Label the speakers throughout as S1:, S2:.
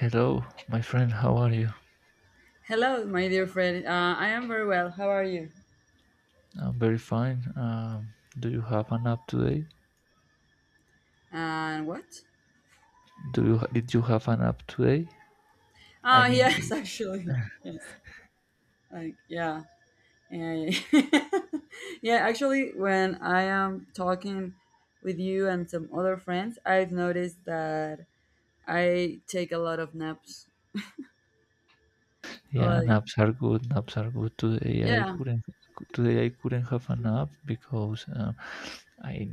S1: Hello, my friend. How are you?
S2: Hello, my dear friend. I am very well. How are you?
S1: I'm very fine. Do you have an app today?
S2: And what?
S1: Do you did you have an app today? I mean,
S2: Yes, actually, yes. Like, yeah, yeah, yeah. Yeah, actually, when I am talking with you and some other friends, I've noticed that I take a lot of naps.
S1: yeah,
S2: Like,
S1: naps are good. Naps are good. Today I
S2: yeah,
S1: couldn't. Today I couldn't have a nap because I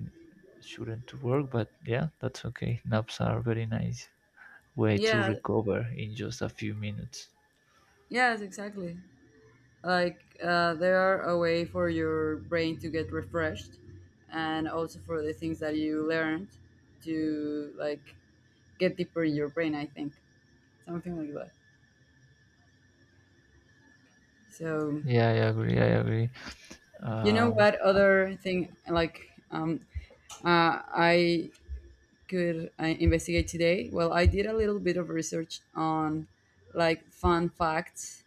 S1: shouldn't to work. But yeah, that's okay. Naps are very nice way to
S2: yeah,
S1: recover in just a few minutes.
S2: yes, exactly. Like, they are a way for your brain to get refreshed, and also for the things that you learned to like get deeper in your brain, I think, something like that. So
S1: Yeah, I agree. I agree.
S2: you know
S1: Um,
S2: what other thing, like I could investigate today. Well, I did a little bit of research on like fun facts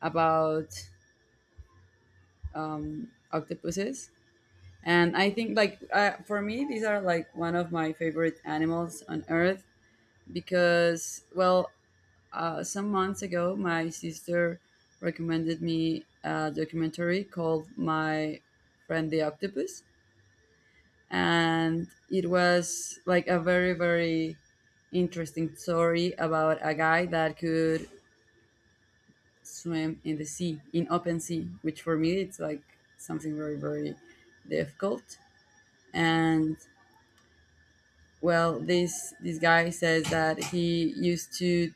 S2: about octopuses, and I think, like for me these are like one of my favorite animals on earth, because well, some months ago my sister recommended me a documentary called My Friend the Octopus, and it was like a very, very interesting story about a guy that could swim in the sea, in open sea, which for me it's like something very, very difficult. And well, this guy says that he used to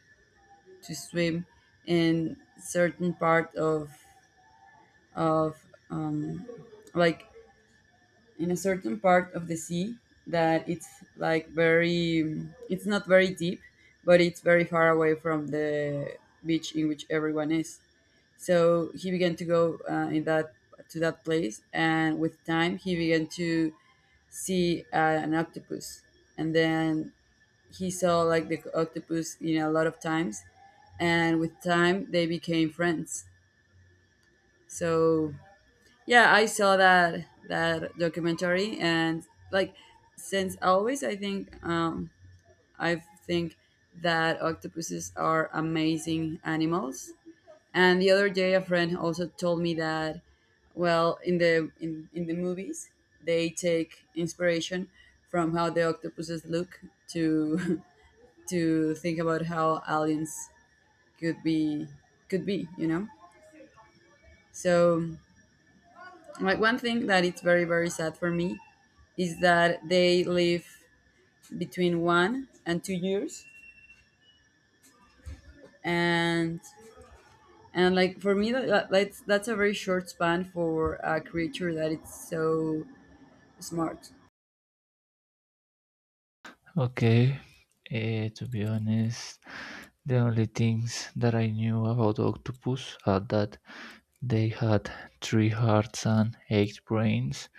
S2: to swim in certain part of of um, like in a certain part of the sea, that it's like very, it's not very deep, but it's very far away from the beach in which everyone is. So he began to go in that, to that place, and with time he began to see an octopus. And then he saw like the octopus, a lot of times, and with time they became friends. So yeah, I saw that documentary, and like, since always, I think, I think that octopuses are amazing animals. And the other day, a friend also told me that, well, in the movies, they take inspiration from how the octopuses look to to think about how aliens could be could be. So like one thing that it's very, very sad for me is that they live between 1 and 2 years, and like for me that's a very short span for a creature that it's so smart.
S1: okay. Eh. To be honest, the only things that I knew about octopus are that they had three hearts and eight brains.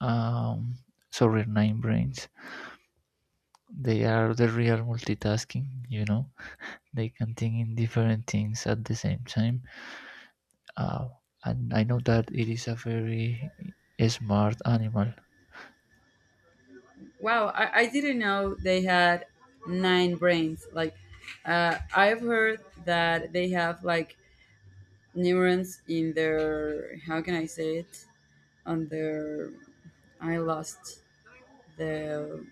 S1: Um, sorry, nine brains. They are the real multitasking, you know. They can think in different things at the same time. Uh, and I know that it is a very smart animal.
S2: Wow, I didn't know they had nine brains. Like I've heard that they have like neurons in their, how can I say it, on their, I lost the,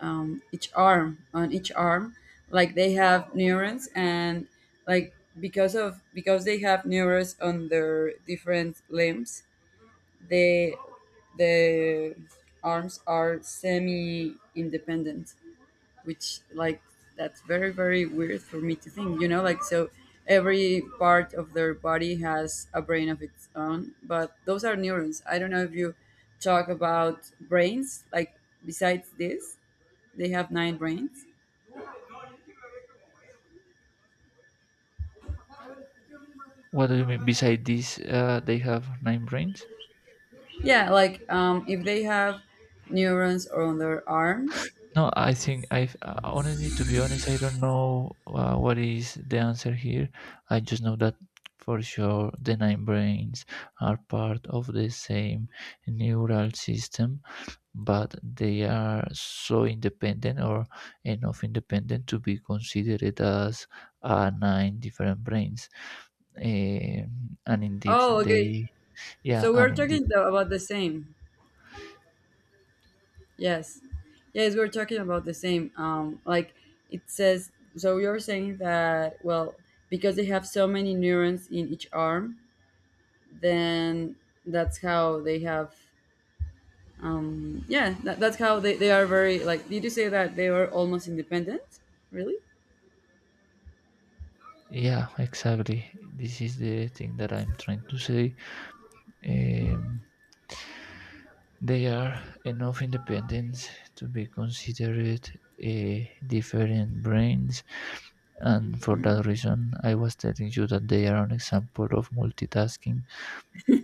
S2: each arm, on each arm, like they have neurons, and like because of, because they have neurons on their different limbs, they, the arms are semi independent, which like, that's very, very weird for me to think, like, so every part of their body has a brain of its own, but those are neurons. I don't know if you talk about brains, like, besides this they have nine brains.
S1: What do you mean? Besides this, they have nine brains?
S2: Yeah, like, if they have neurons on their arms.
S1: No, I think I honestly, to be honest, I don't know what is the answer here. I just know that for sure the nine brains are part of the same neural system, but they are so independent or enough independent to be considered as nine different brains. And indeed,
S2: Oh, okay.
S1: they, yeah,
S2: So we're
S1: and indeed,
S2: talking about the same. Yes, yes, we're talking about the same. Like it says. So you're saying that, well, because they have so many neurons in each arm, then that's how they have. Yeah, that's how they are, very like. Did you say that they are almost independent? Really?
S1: yeah, exactly. This is the thing that I'm trying to say. Um, They are enough independent to be considered different brains, and for that reason I was telling you that they are an example of multitasking.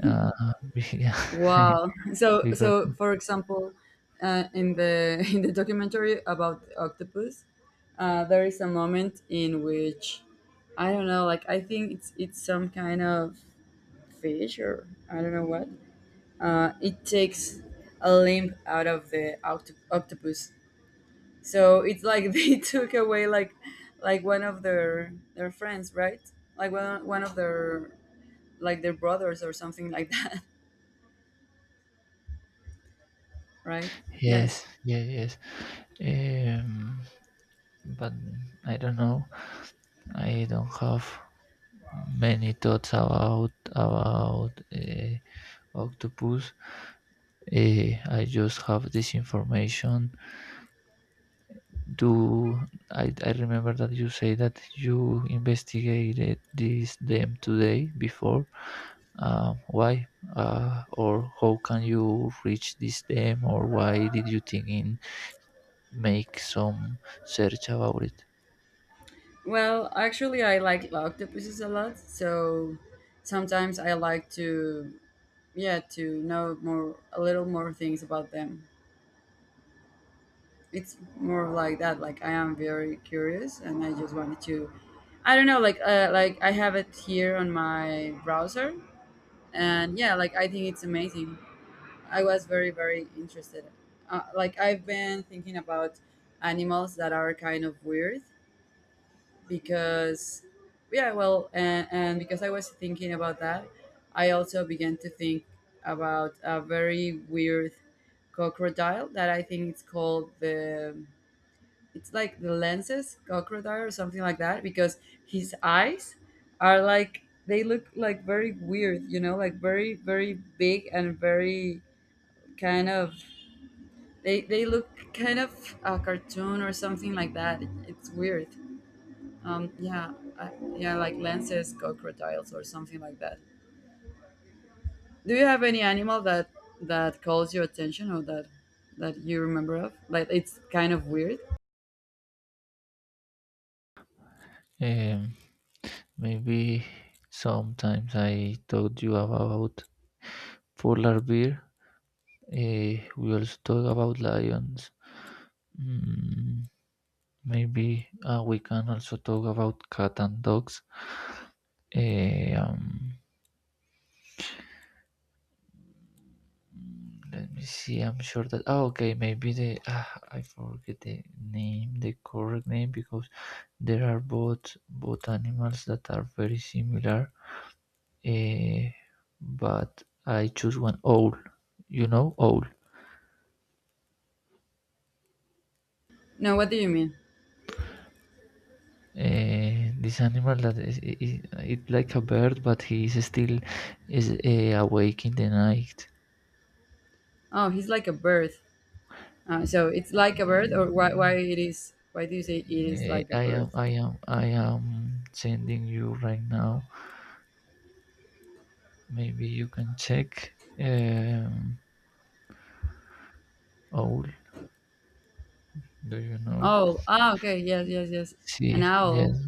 S1: Uh,
S2: Wow. So
S1: because
S2: for example, in the in the documentary about the octopus, there is a moment in which, I don't know, like I think it's some kind of fish or I don't know what. It takes a limb out of the octopus. So it's like, they took away like one of their friends, right? Like one of their, like their brothers or something like that, right? Yes.
S1: yes, yeah, yes. Um, but I don't know. I don't have many thoughts about octopus. I just have this information do I remember that you say that you investigated this them today before, why or how can you reach this them, or why did you think in make some search about it?
S2: Well, actually, I like octopuses a lot, so sometimes I like to, yeah, to know more, a little more things about them. It's more like that. Like I am very curious, and I just wanted to. I don't know, like I have it here on my browser, and yeah, like I think it's amazing. I was very, very interested. Like I've been thinking about animals that are kind of weird, because yeah, well, and because I was thinking about that, I also began to think about a very weird crocodile that I think it's called the, it's like the lenses crocodile or something like that, because his eyes are, like they look like very weird, you know, like very, very big and very kind of, they look kind of a cartoon or something like that. It's weird. Yeah, I, yeah, like lances, crocodiles, or something like that. Do you have any animal that, calls your attention, or that, you remember of? Like, it's kind of weird.
S1: Um, maybe sometimes I told you about polar bear. We also talk about lions. Mm, maybe we can also talk about cat and dogs. Eh, um, Let me see. I'm sure that. Oh, okay. Maybe the ah, I forget the name, the correct name, because there are both animals that are very similar. Eh, but I choose one owl. You know, owl.
S2: No, what do you mean?
S1: Eh, this animal that it like a bird, but he is still awake in the night.
S2: Oh, he's like a bird. So it's like a bird, or why
S1: Um,
S2: it is? Why do you say it is like a
S1: I am
S2: bird?
S1: I am sending you right now. Maybe you can check. Um, owl, do you know?
S2: Oh, ah, okay, yes, yes, yes, an
S1: See, yeah,
S2: owl.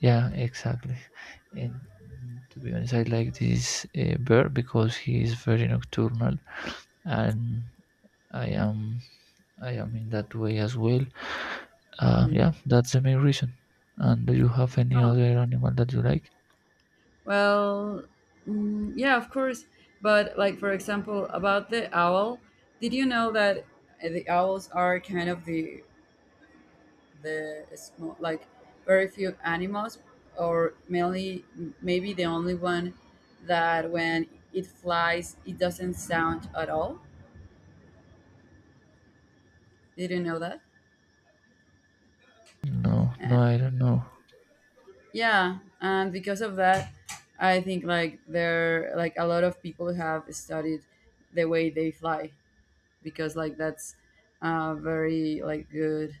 S1: yeah, exactly. And mm, to be honest, I like this bird because he is very nocturnal, and I am I am in that way as well.
S2: Mm.
S1: Yeah, that's the main reason. And do you have any
S2: Oh,
S1: other animal that you like?
S2: well, mm, yeah, of course. But like, for example, about the owl, did you know that, the owls are kind of the small, like very few animals, or mainly maybe the only one, that when it flies it doesn't sound at all. Did you know that?
S1: No, no,
S2: Uh,
S1: I don't know.
S2: yeah, and because of that, I think, like there, like a lot of people have studied the way they fly, because like that's a very like good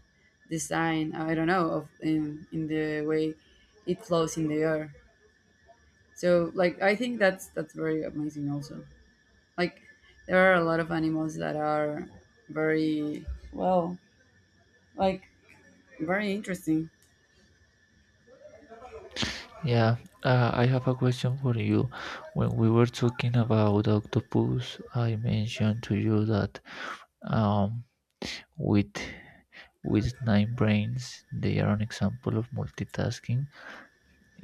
S2: design, I don't know, of in the way it flows in the air. So like, I think that's very amazing also. Like, there are a lot of animals that are very, well, like very interesting.
S1: Yeah, I have a question for you. When we were talking about octopus, I mentioned to you that Um, with nine brains, they are an example of multitasking.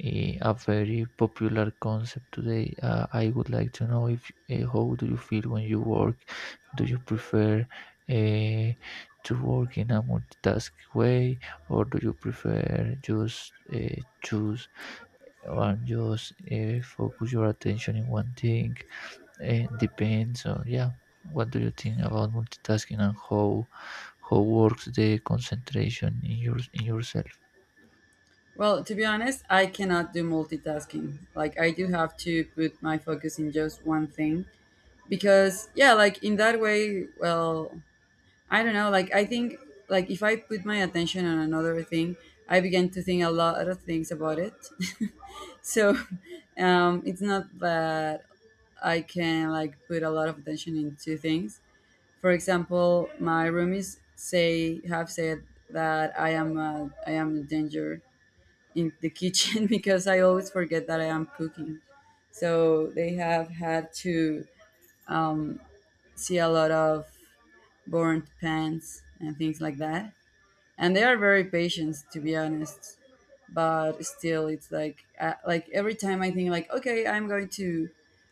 S1: Eh, a very popular concept today. I would like to know if how do you feel when you work? Do you prefer uh, to work in a multitask way, or do you prefer just choose and just focus your attention in one thing? It depends, or yeah. What do you think about multitasking, and how works the concentration in your in yourself?
S2: Well, to be honest, I cannot do multitasking. Like, I do have to put my focus in just one thing, because yeah, like in that way, well, I don't know. Like I think, like, if I put my attention on another thing, I began to think a lot of things about it. So, it's not that I can like put a lot of attention into things. For example, my roomies say, have said that, I am a danger in the kitchen, because I always forget that I am cooking. So they have had to, um, see a lot of burnt pants and things like that. And they are very patient, to be honest. But still, it's like, like every time I think like, okay, I'm going to,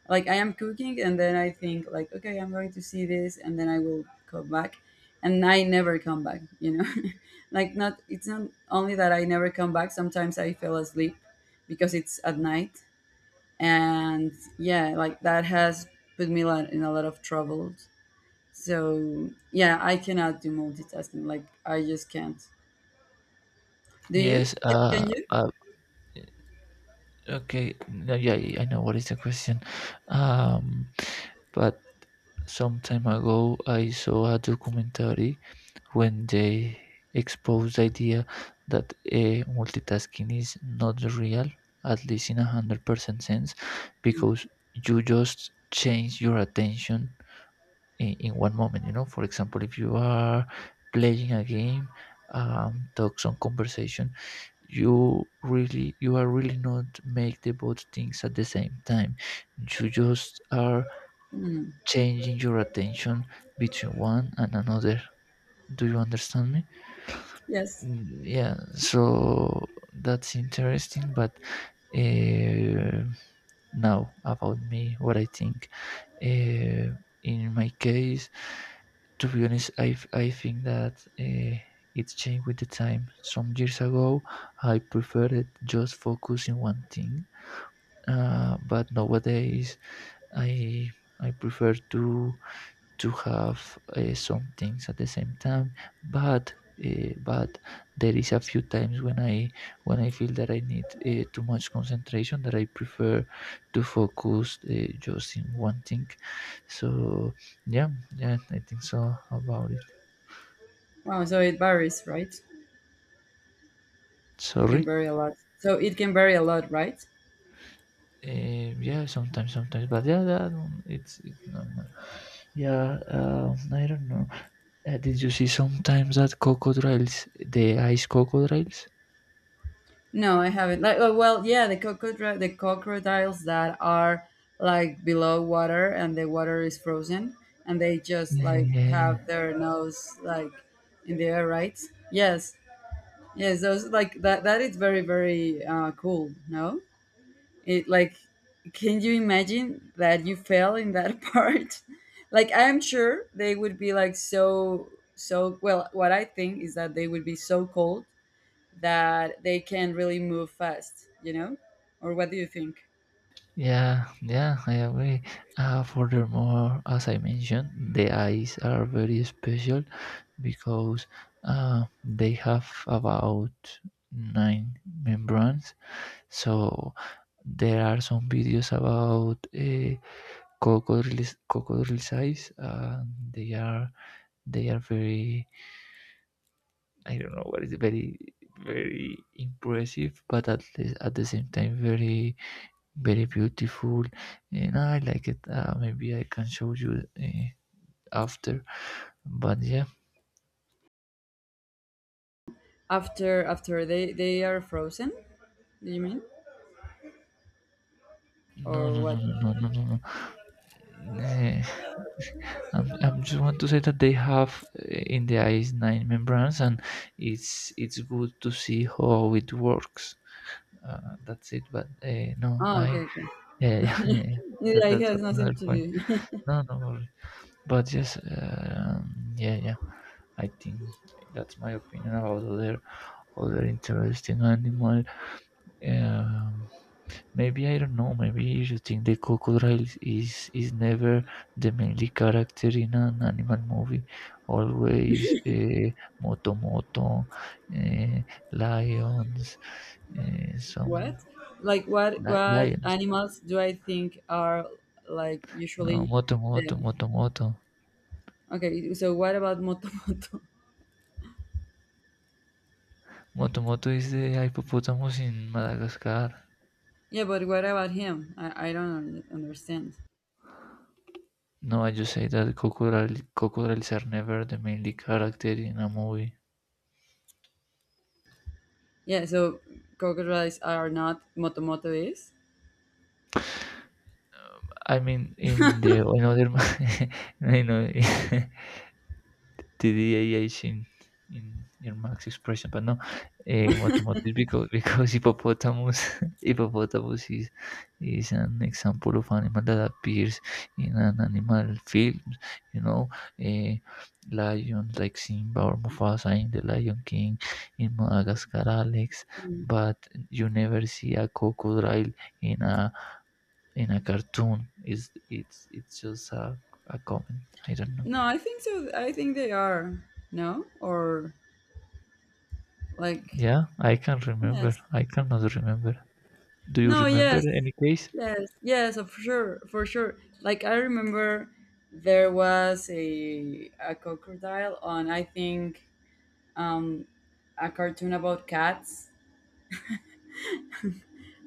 S2: like I am cooking, and then I think like, okay, I'm going to see this, and then I will come back, and I never come back. You know, like not, it's not only that I never come back. Sometimes I fell asleep because it's at night, and yeah, like that has put me in a lot of trouble. So yeah, I cannot do multitasking. Like I just can't. Do you?
S1: Yes.
S2: Can you?
S1: Okay. No, yeah. Yeah, I know what is the question. Um. But some time ago, I saw a documentary when they exposed the idea that multitasking is not real, at least in 100% sense, because you just change your attention in one moment, you know. For example, if you are playing a game, talks on conversation, you are really not make the both things at the same time. You just are
S2: Mm,
S1: changing your attention between one and another. Do you understand me?
S2: yes.
S1: Mm, yeah, so that's interesting, but uh, now about me, what I think. Uh, in my case, to be honest, I think that it's changed with the time. Some years ago, I preferred just focus in one thing, but nowadays I I prefer to have some things at the same time, but but there is a few times when I feel that I need too much concentration that I prefer to focus just in one thing. So yeah, yeah, I think so about it.
S2: Wow. So it varies, right? It
S1: Sorry,
S2: can vary a lot. So it can vary a lot, right?
S1: yeah, sometimes, but yeah, that one, it's normal. Yeah, I don't know, did you see sometimes that crocodiles, the ice crocodiles?
S2: No, I haven't. Like, oh, well, yeah, the crocodile, the crocodiles that are like below water and the water is frozen, and they just like have
S1: Yeah,
S2: their nose like in the air, right? Yes, yes. Those, like that. That is very, very cool. No. It like, can you imagine that you fail in that part? Like, I'm sure they would be like so, so. Well, what I think is that they would be so cold that they can really move fast. You know, or what do you think?
S1: yeah, yeah, I agree. Furthermore, as I mentioned, the eyes are very special because they have about nine membranes. So there are some videos about crocodiles' eyes. They are they are very, I don't know what is it, very very impressive, but at the same time very very beautiful, and I like it. Maybe I can show you after. But yeah,
S2: After, after they are frozen. Do you mean,
S1: no,
S2: or
S1: no, no,
S2: what?
S1: no, no, no, no. No. I'm just want to say that they have in the eyes nine membranes, and it's good to see how it works. That's it. But no,
S2: Oh, okay,
S1: I
S2: okay.
S1: yeah, yeah, yeah, yeah.
S2: Yeah,
S1: That
S2: it
S1: that's
S2: has nothing
S1: another
S2: to
S1: point.
S2: do.
S1: No, no worry. But yes, yeah, yeah. I think that's my opinion about other other interesting animal. Um, maybe I don't know. Maybe you think the crocodile is never the mainly character in an animal movie. Always moto moto, uh, lions, uh, some
S2: What? Like, what? What
S1: lions.
S2: animals do I think are like
S1: No,
S2: usually
S1: moto moto
S2: the,
S1: moto moto.
S2: okay, so what about Motomoto?
S1: Moto moto is the hippopotamus in Madagascar.
S2: Yeah, but what about him? I don't understand.
S1: No, I just say that crocodiles are never the mainly character in a movie.
S2: Yeah, so crocodiles are not, Motomoto is?
S1: I mean, in the another, you know, TDAH in your max expression, but no, automotive because hippopotamus hippopotamus is an example of animal that appears in an animal film, you know, eh, lions like Simba or Mufasa in The Lion King, in Madagascar, Alex, but you never see a crocodile in a in a cartoon. Is it's just a comment. I don't know.
S2: No, I think so. I think they are. No? Or like,
S1: Yeah, I can't remember.
S2: yes.
S1: I cannot remember. Do you
S2: No,
S1: remember
S2: yes.
S1: any case?
S2: Yes. Yes, of sure. For sure. Like I remember there was a crocodile on, I think, um a cartoon about cats,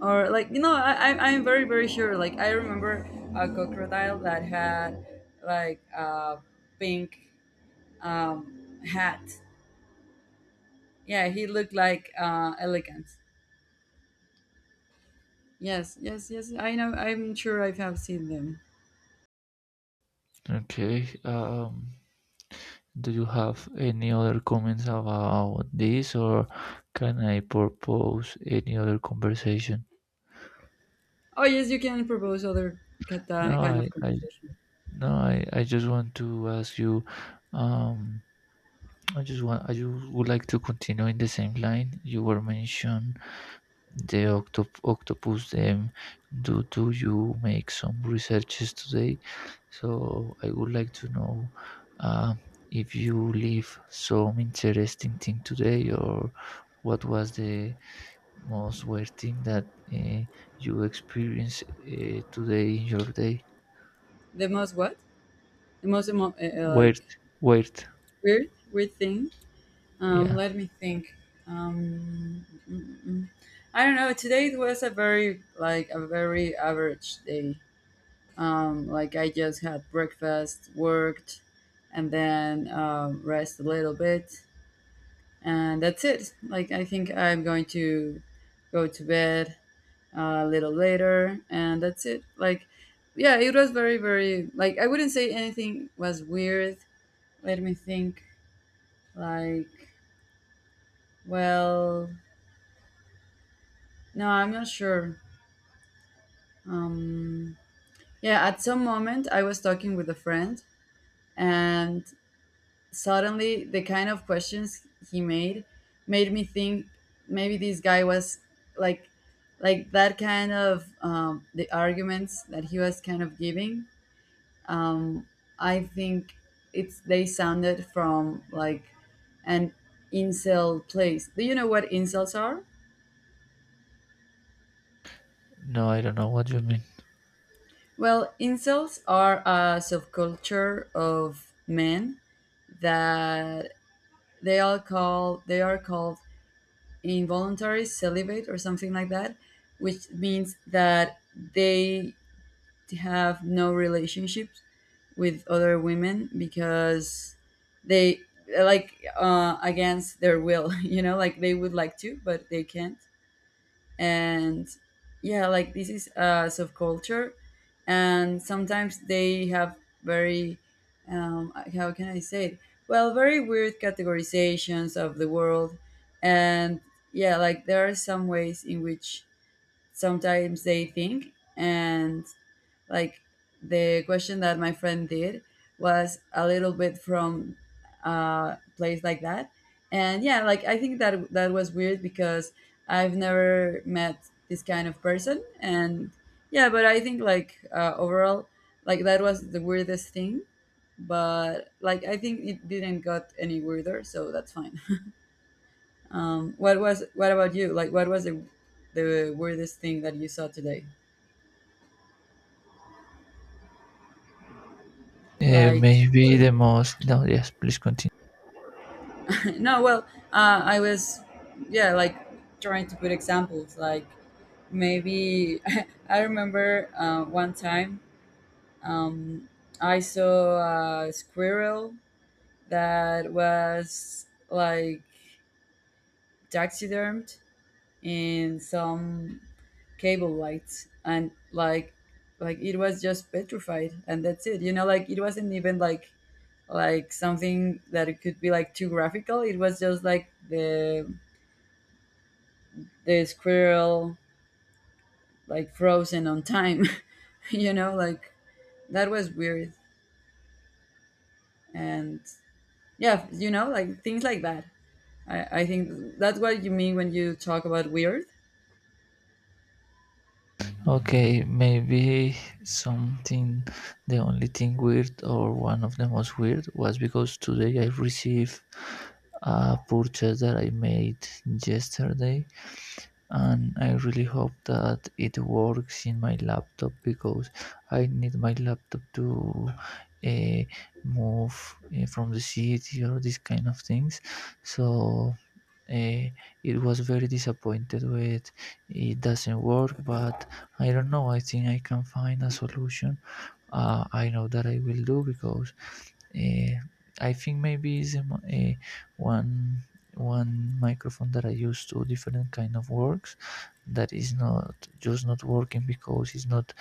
S2: or like, you know, I'm very, very sure. Like I remember a crocodile that had like a pink hat. Yeah, he looked like elegant. Yes, yes, yes, I know. I'm sure I have seen them.
S1: Okay. Do you have any other comments about this, or can I propose any other conversation?
S2: Oh, yes, you can propose other
S1: No,
S2: kind
S1: I,
S2: of
S1: I
S2: conversation.
S1: no, I just want to ask you. Um, I just would like to continue in the same line you were mentioned the octopus them. Do you make some researches today? So I would like to know uh, if you leave some interesting thing today, or what was the most weird thing that uh, you experienced today in your day?
S2: The most what? The most like
S1: Weird weird
S2: weird, thing.
S1: Yeah,
S2: Let me think. Mm, mm. I don't know. Today it was a very, like a very average day. Like I just had breakfast, worked, and then rest a little bit, and that's it. Like I think I'm going to go to bed a little later, and that's it. Like, yeah, it was very, very like, I wouldn't say anything was weird. Let me think. Like, well. No, I'm not sure. Um, yeah, at some moment I was talking with a friend, and suddenly the kind of questions he made made me think maybe this guy was like like that kind of the arguments that he was kind of giving. Um, I think it's they sounded from like an incel place. Do you know what incels are?
S1: no, I don't know what you mean.
S2: Well, incels are a subculture of men that they all call they are called involuntary celibate or something like that, which means that they have no relationships with other women because they like against their will. You know, like they would like to, but they can't and yeah like this is a subculture and sometimes they have very how can I say it, well very weird categorizations of the world and yeah like there are some ways in which sometimes they think and like the question that my friend did was a little bit from a place like that. And yeah, like I think that that was weird because I've never met this kind of person. And yeah, but I think like overall, like that was the weirdest thing. But like I think it didn't got any weirder, so that's fine. What about you? Like, what was the weirdest thing that you saw today?
S1: Uh,
S2: Like,
S1: maybe the most, no, yes, please continue.
S2: no, well, I was, yeah, like trying to put examples. Like maybe I remember one time, um, I saw a squirrel that was like taxidermed in some cable lights, and like it was just petrified, and that's it. You know, like it wasn't even like something that it could be like too graphical. It was just like the squirrel like frozen on time. You know, like that was weird and yeah, you know, like things like that, I think that's what you mean when you talk about weird.
S1: Okay, maybe something, the only thing weird or one of the most weird was because today I received a purchase that I made yesterday, and I really hope that it works in my laptop because I need my laptop to uh, move from the city or these kind of things. So uh, it was very disappointed with it doesn't work, but I don't know, I think I can find a solution. I know that I will do because uh, I think maybe is a, mo- a one one microphone that I use to different kind of works that is not just not working because it's not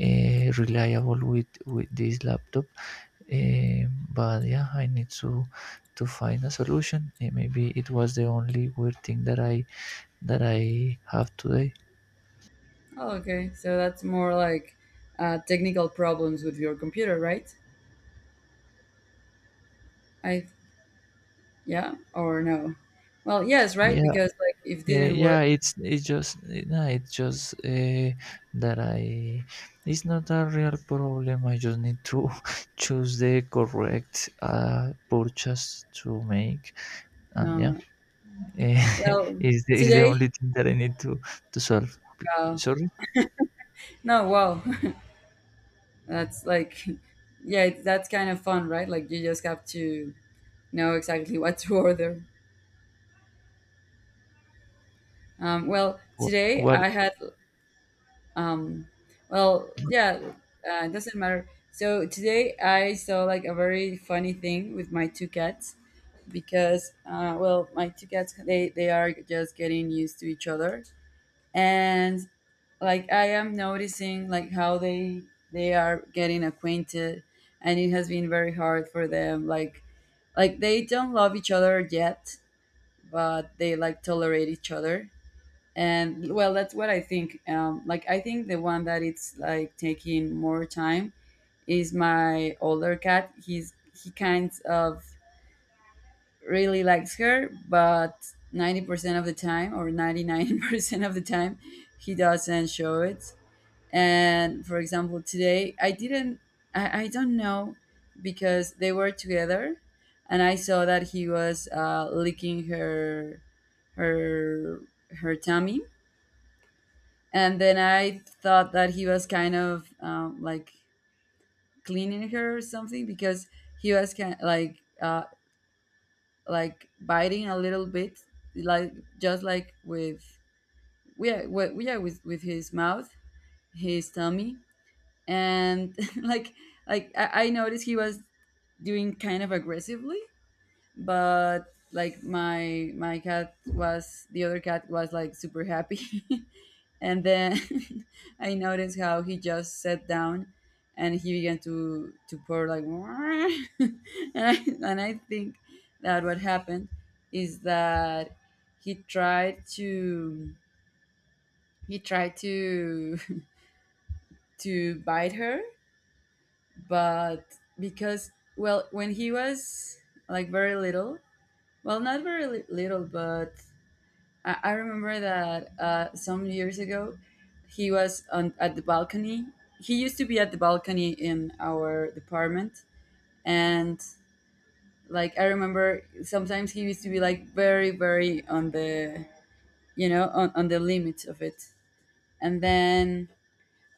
S1: reliable with this laptop. Eh, but yeah, I need to find a solution. Eh, maybe it was the only weird thing that I have today.
S2: Oh, okay, so that's more like technical problems with your computer, right? I, yeah or no, well yes, right,
S1: Yeah,
S2: because like if it didn't work.
S1: yeah. It's just that I. It's not a real problem. I just need to choose the correct purchase to make, and yeah,
S2: No, well,
S1: is the
S2: today,
S1: only thing that I need to solve.
S2: uh,
S1: Sorry,
S2: no, wow. That's like, yeah it, that's kind of fun, right? Like you just have to know exactly what to order. Well,
S1: what?
S2: today
S1: What?
S2: I had, um, well, yeah, it doesn't matter. So today I saw like a very funny thing with my two cats because, well, my two cats they are just getting used to each other, and like I am noticing like how they are getting acquainted, and it has been very hard for them. Like they don't love each other yet, but they like tolerate each other and well that's what I think, like I think the one that it's like taking more time is my older cat. He's he kind of really likes her, but 90% of the time, or 99% of the time, he doesn't show it. And for example, today I didn't, I don't know, because they were together and I saw that he was licking her, her her tummy. And then I thought that he was kind of like cleaning her or something because he was kind like biting a little bit, like just like with yeah with, yeah with his mouth, his tummy, and like like I noticed he was doing kind of aggressively, but like my cat was, the other cat was like super happy. And then I noticed how he just sat down and he began to purr like. And I, and I think that what happened is that he tried to he tried to to bite her. But because, well, when he was like very little, well not very little, but I remember that some years ago, he was on at the balcony. He used to be at the balcony in our department, and like I remember, sometimes he used to be like very, very on the, you know, on the limit of it. And then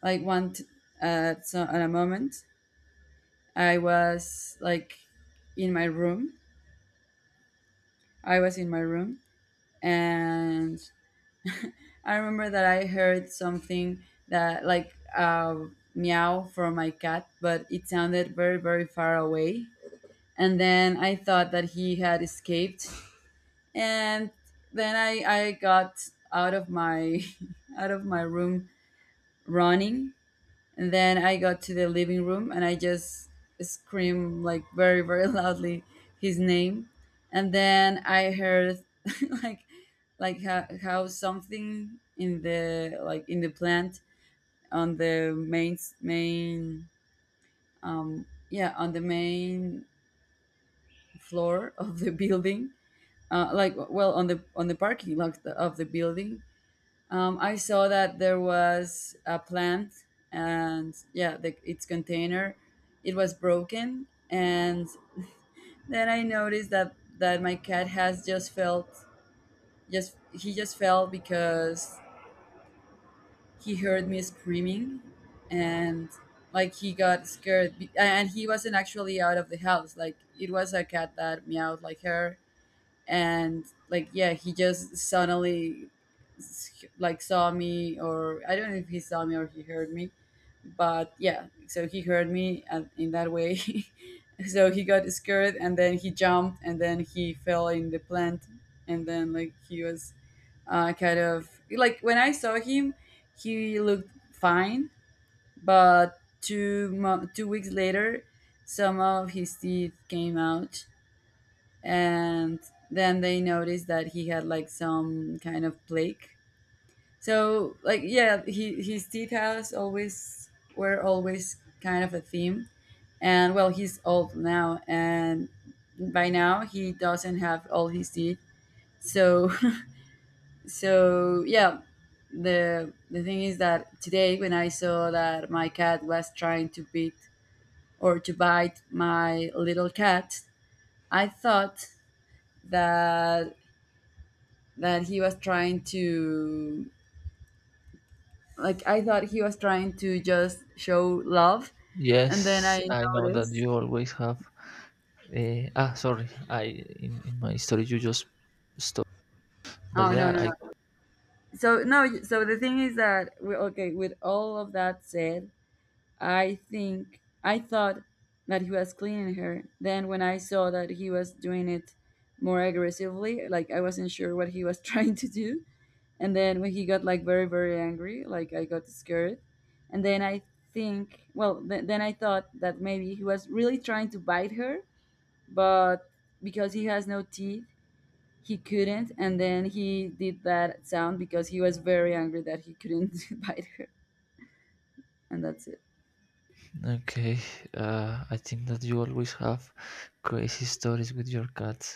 S2: like at so at a moment, I was like in my room. I was in my room, and I remember that I heard something that like meow from my cat, but it sounded very, very far away. And then I thought that he had escaped. And then I got out of my out of my room running, and then I got to the living room and I just screamed like very, very loudly his name. And then I heard like like how something in the like in the plant on the main, yeah, on the main floor of the building. Like well, on the parking lot of the building. I saw that there was a plant, and yeah, the, its container, it was broken, and then I noticed that that my cat has just felt, just he just fell because he heard me screaming, and like he got scared, and he wasn't actually out of the house. Like it was a cat that meowed like her, and like yeah he just suddenly like saw me, or I don't know if he saw me or he heard me, but yeah so he heard me and in that way. So he got scared and then he jumped and then he fell in the plant. And then like he was kind of like when I saw him, he looked fine, but 2 weeks later some of his teeth came out, and then they noticed that he had like some kind of plague. So like yeah, he his teeth has always, were always kind of a theme, and well he's old now, and by now he doesn't have all his teeth. So so yeah, the thing is that today when I saw that my cat was trying to bit or to bite my little cat, I thought that that he was trying to, like I thought he was trying to just show love and then
S1: Yes,
S2: I
S1: I know that
S2: noticed.
S1: you always have sorry. In my story you just stop. But
S2: Oh no,
S1: yeah,
S2: no,
S1: I
S2: no. So no, so the thing is that we, okay, with all of that said, I think I thought that he was cleaning her, then when I saw that he was doing it more aggressively, like I wasn't sure what he was trying to do. And then when he got like very, very angry, like I got scared, and then I think, well, then I thought that maybe he was really trying to bite her, but because he has no teeth he couldn't, and then he did that sound because he was very angry that he couldn't bite her. And that's it.
S1: okay. I think that you always have crazy stories with your cats.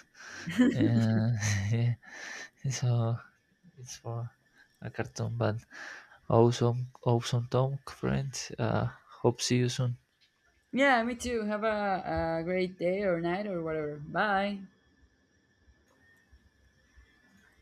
S1: Uh, yeah, so it's for a cartoon. But awesome, awesome talk, friend. Uh, hope see you soon.
S2: Yeah, me too, have a great day or night or whatever. Bye.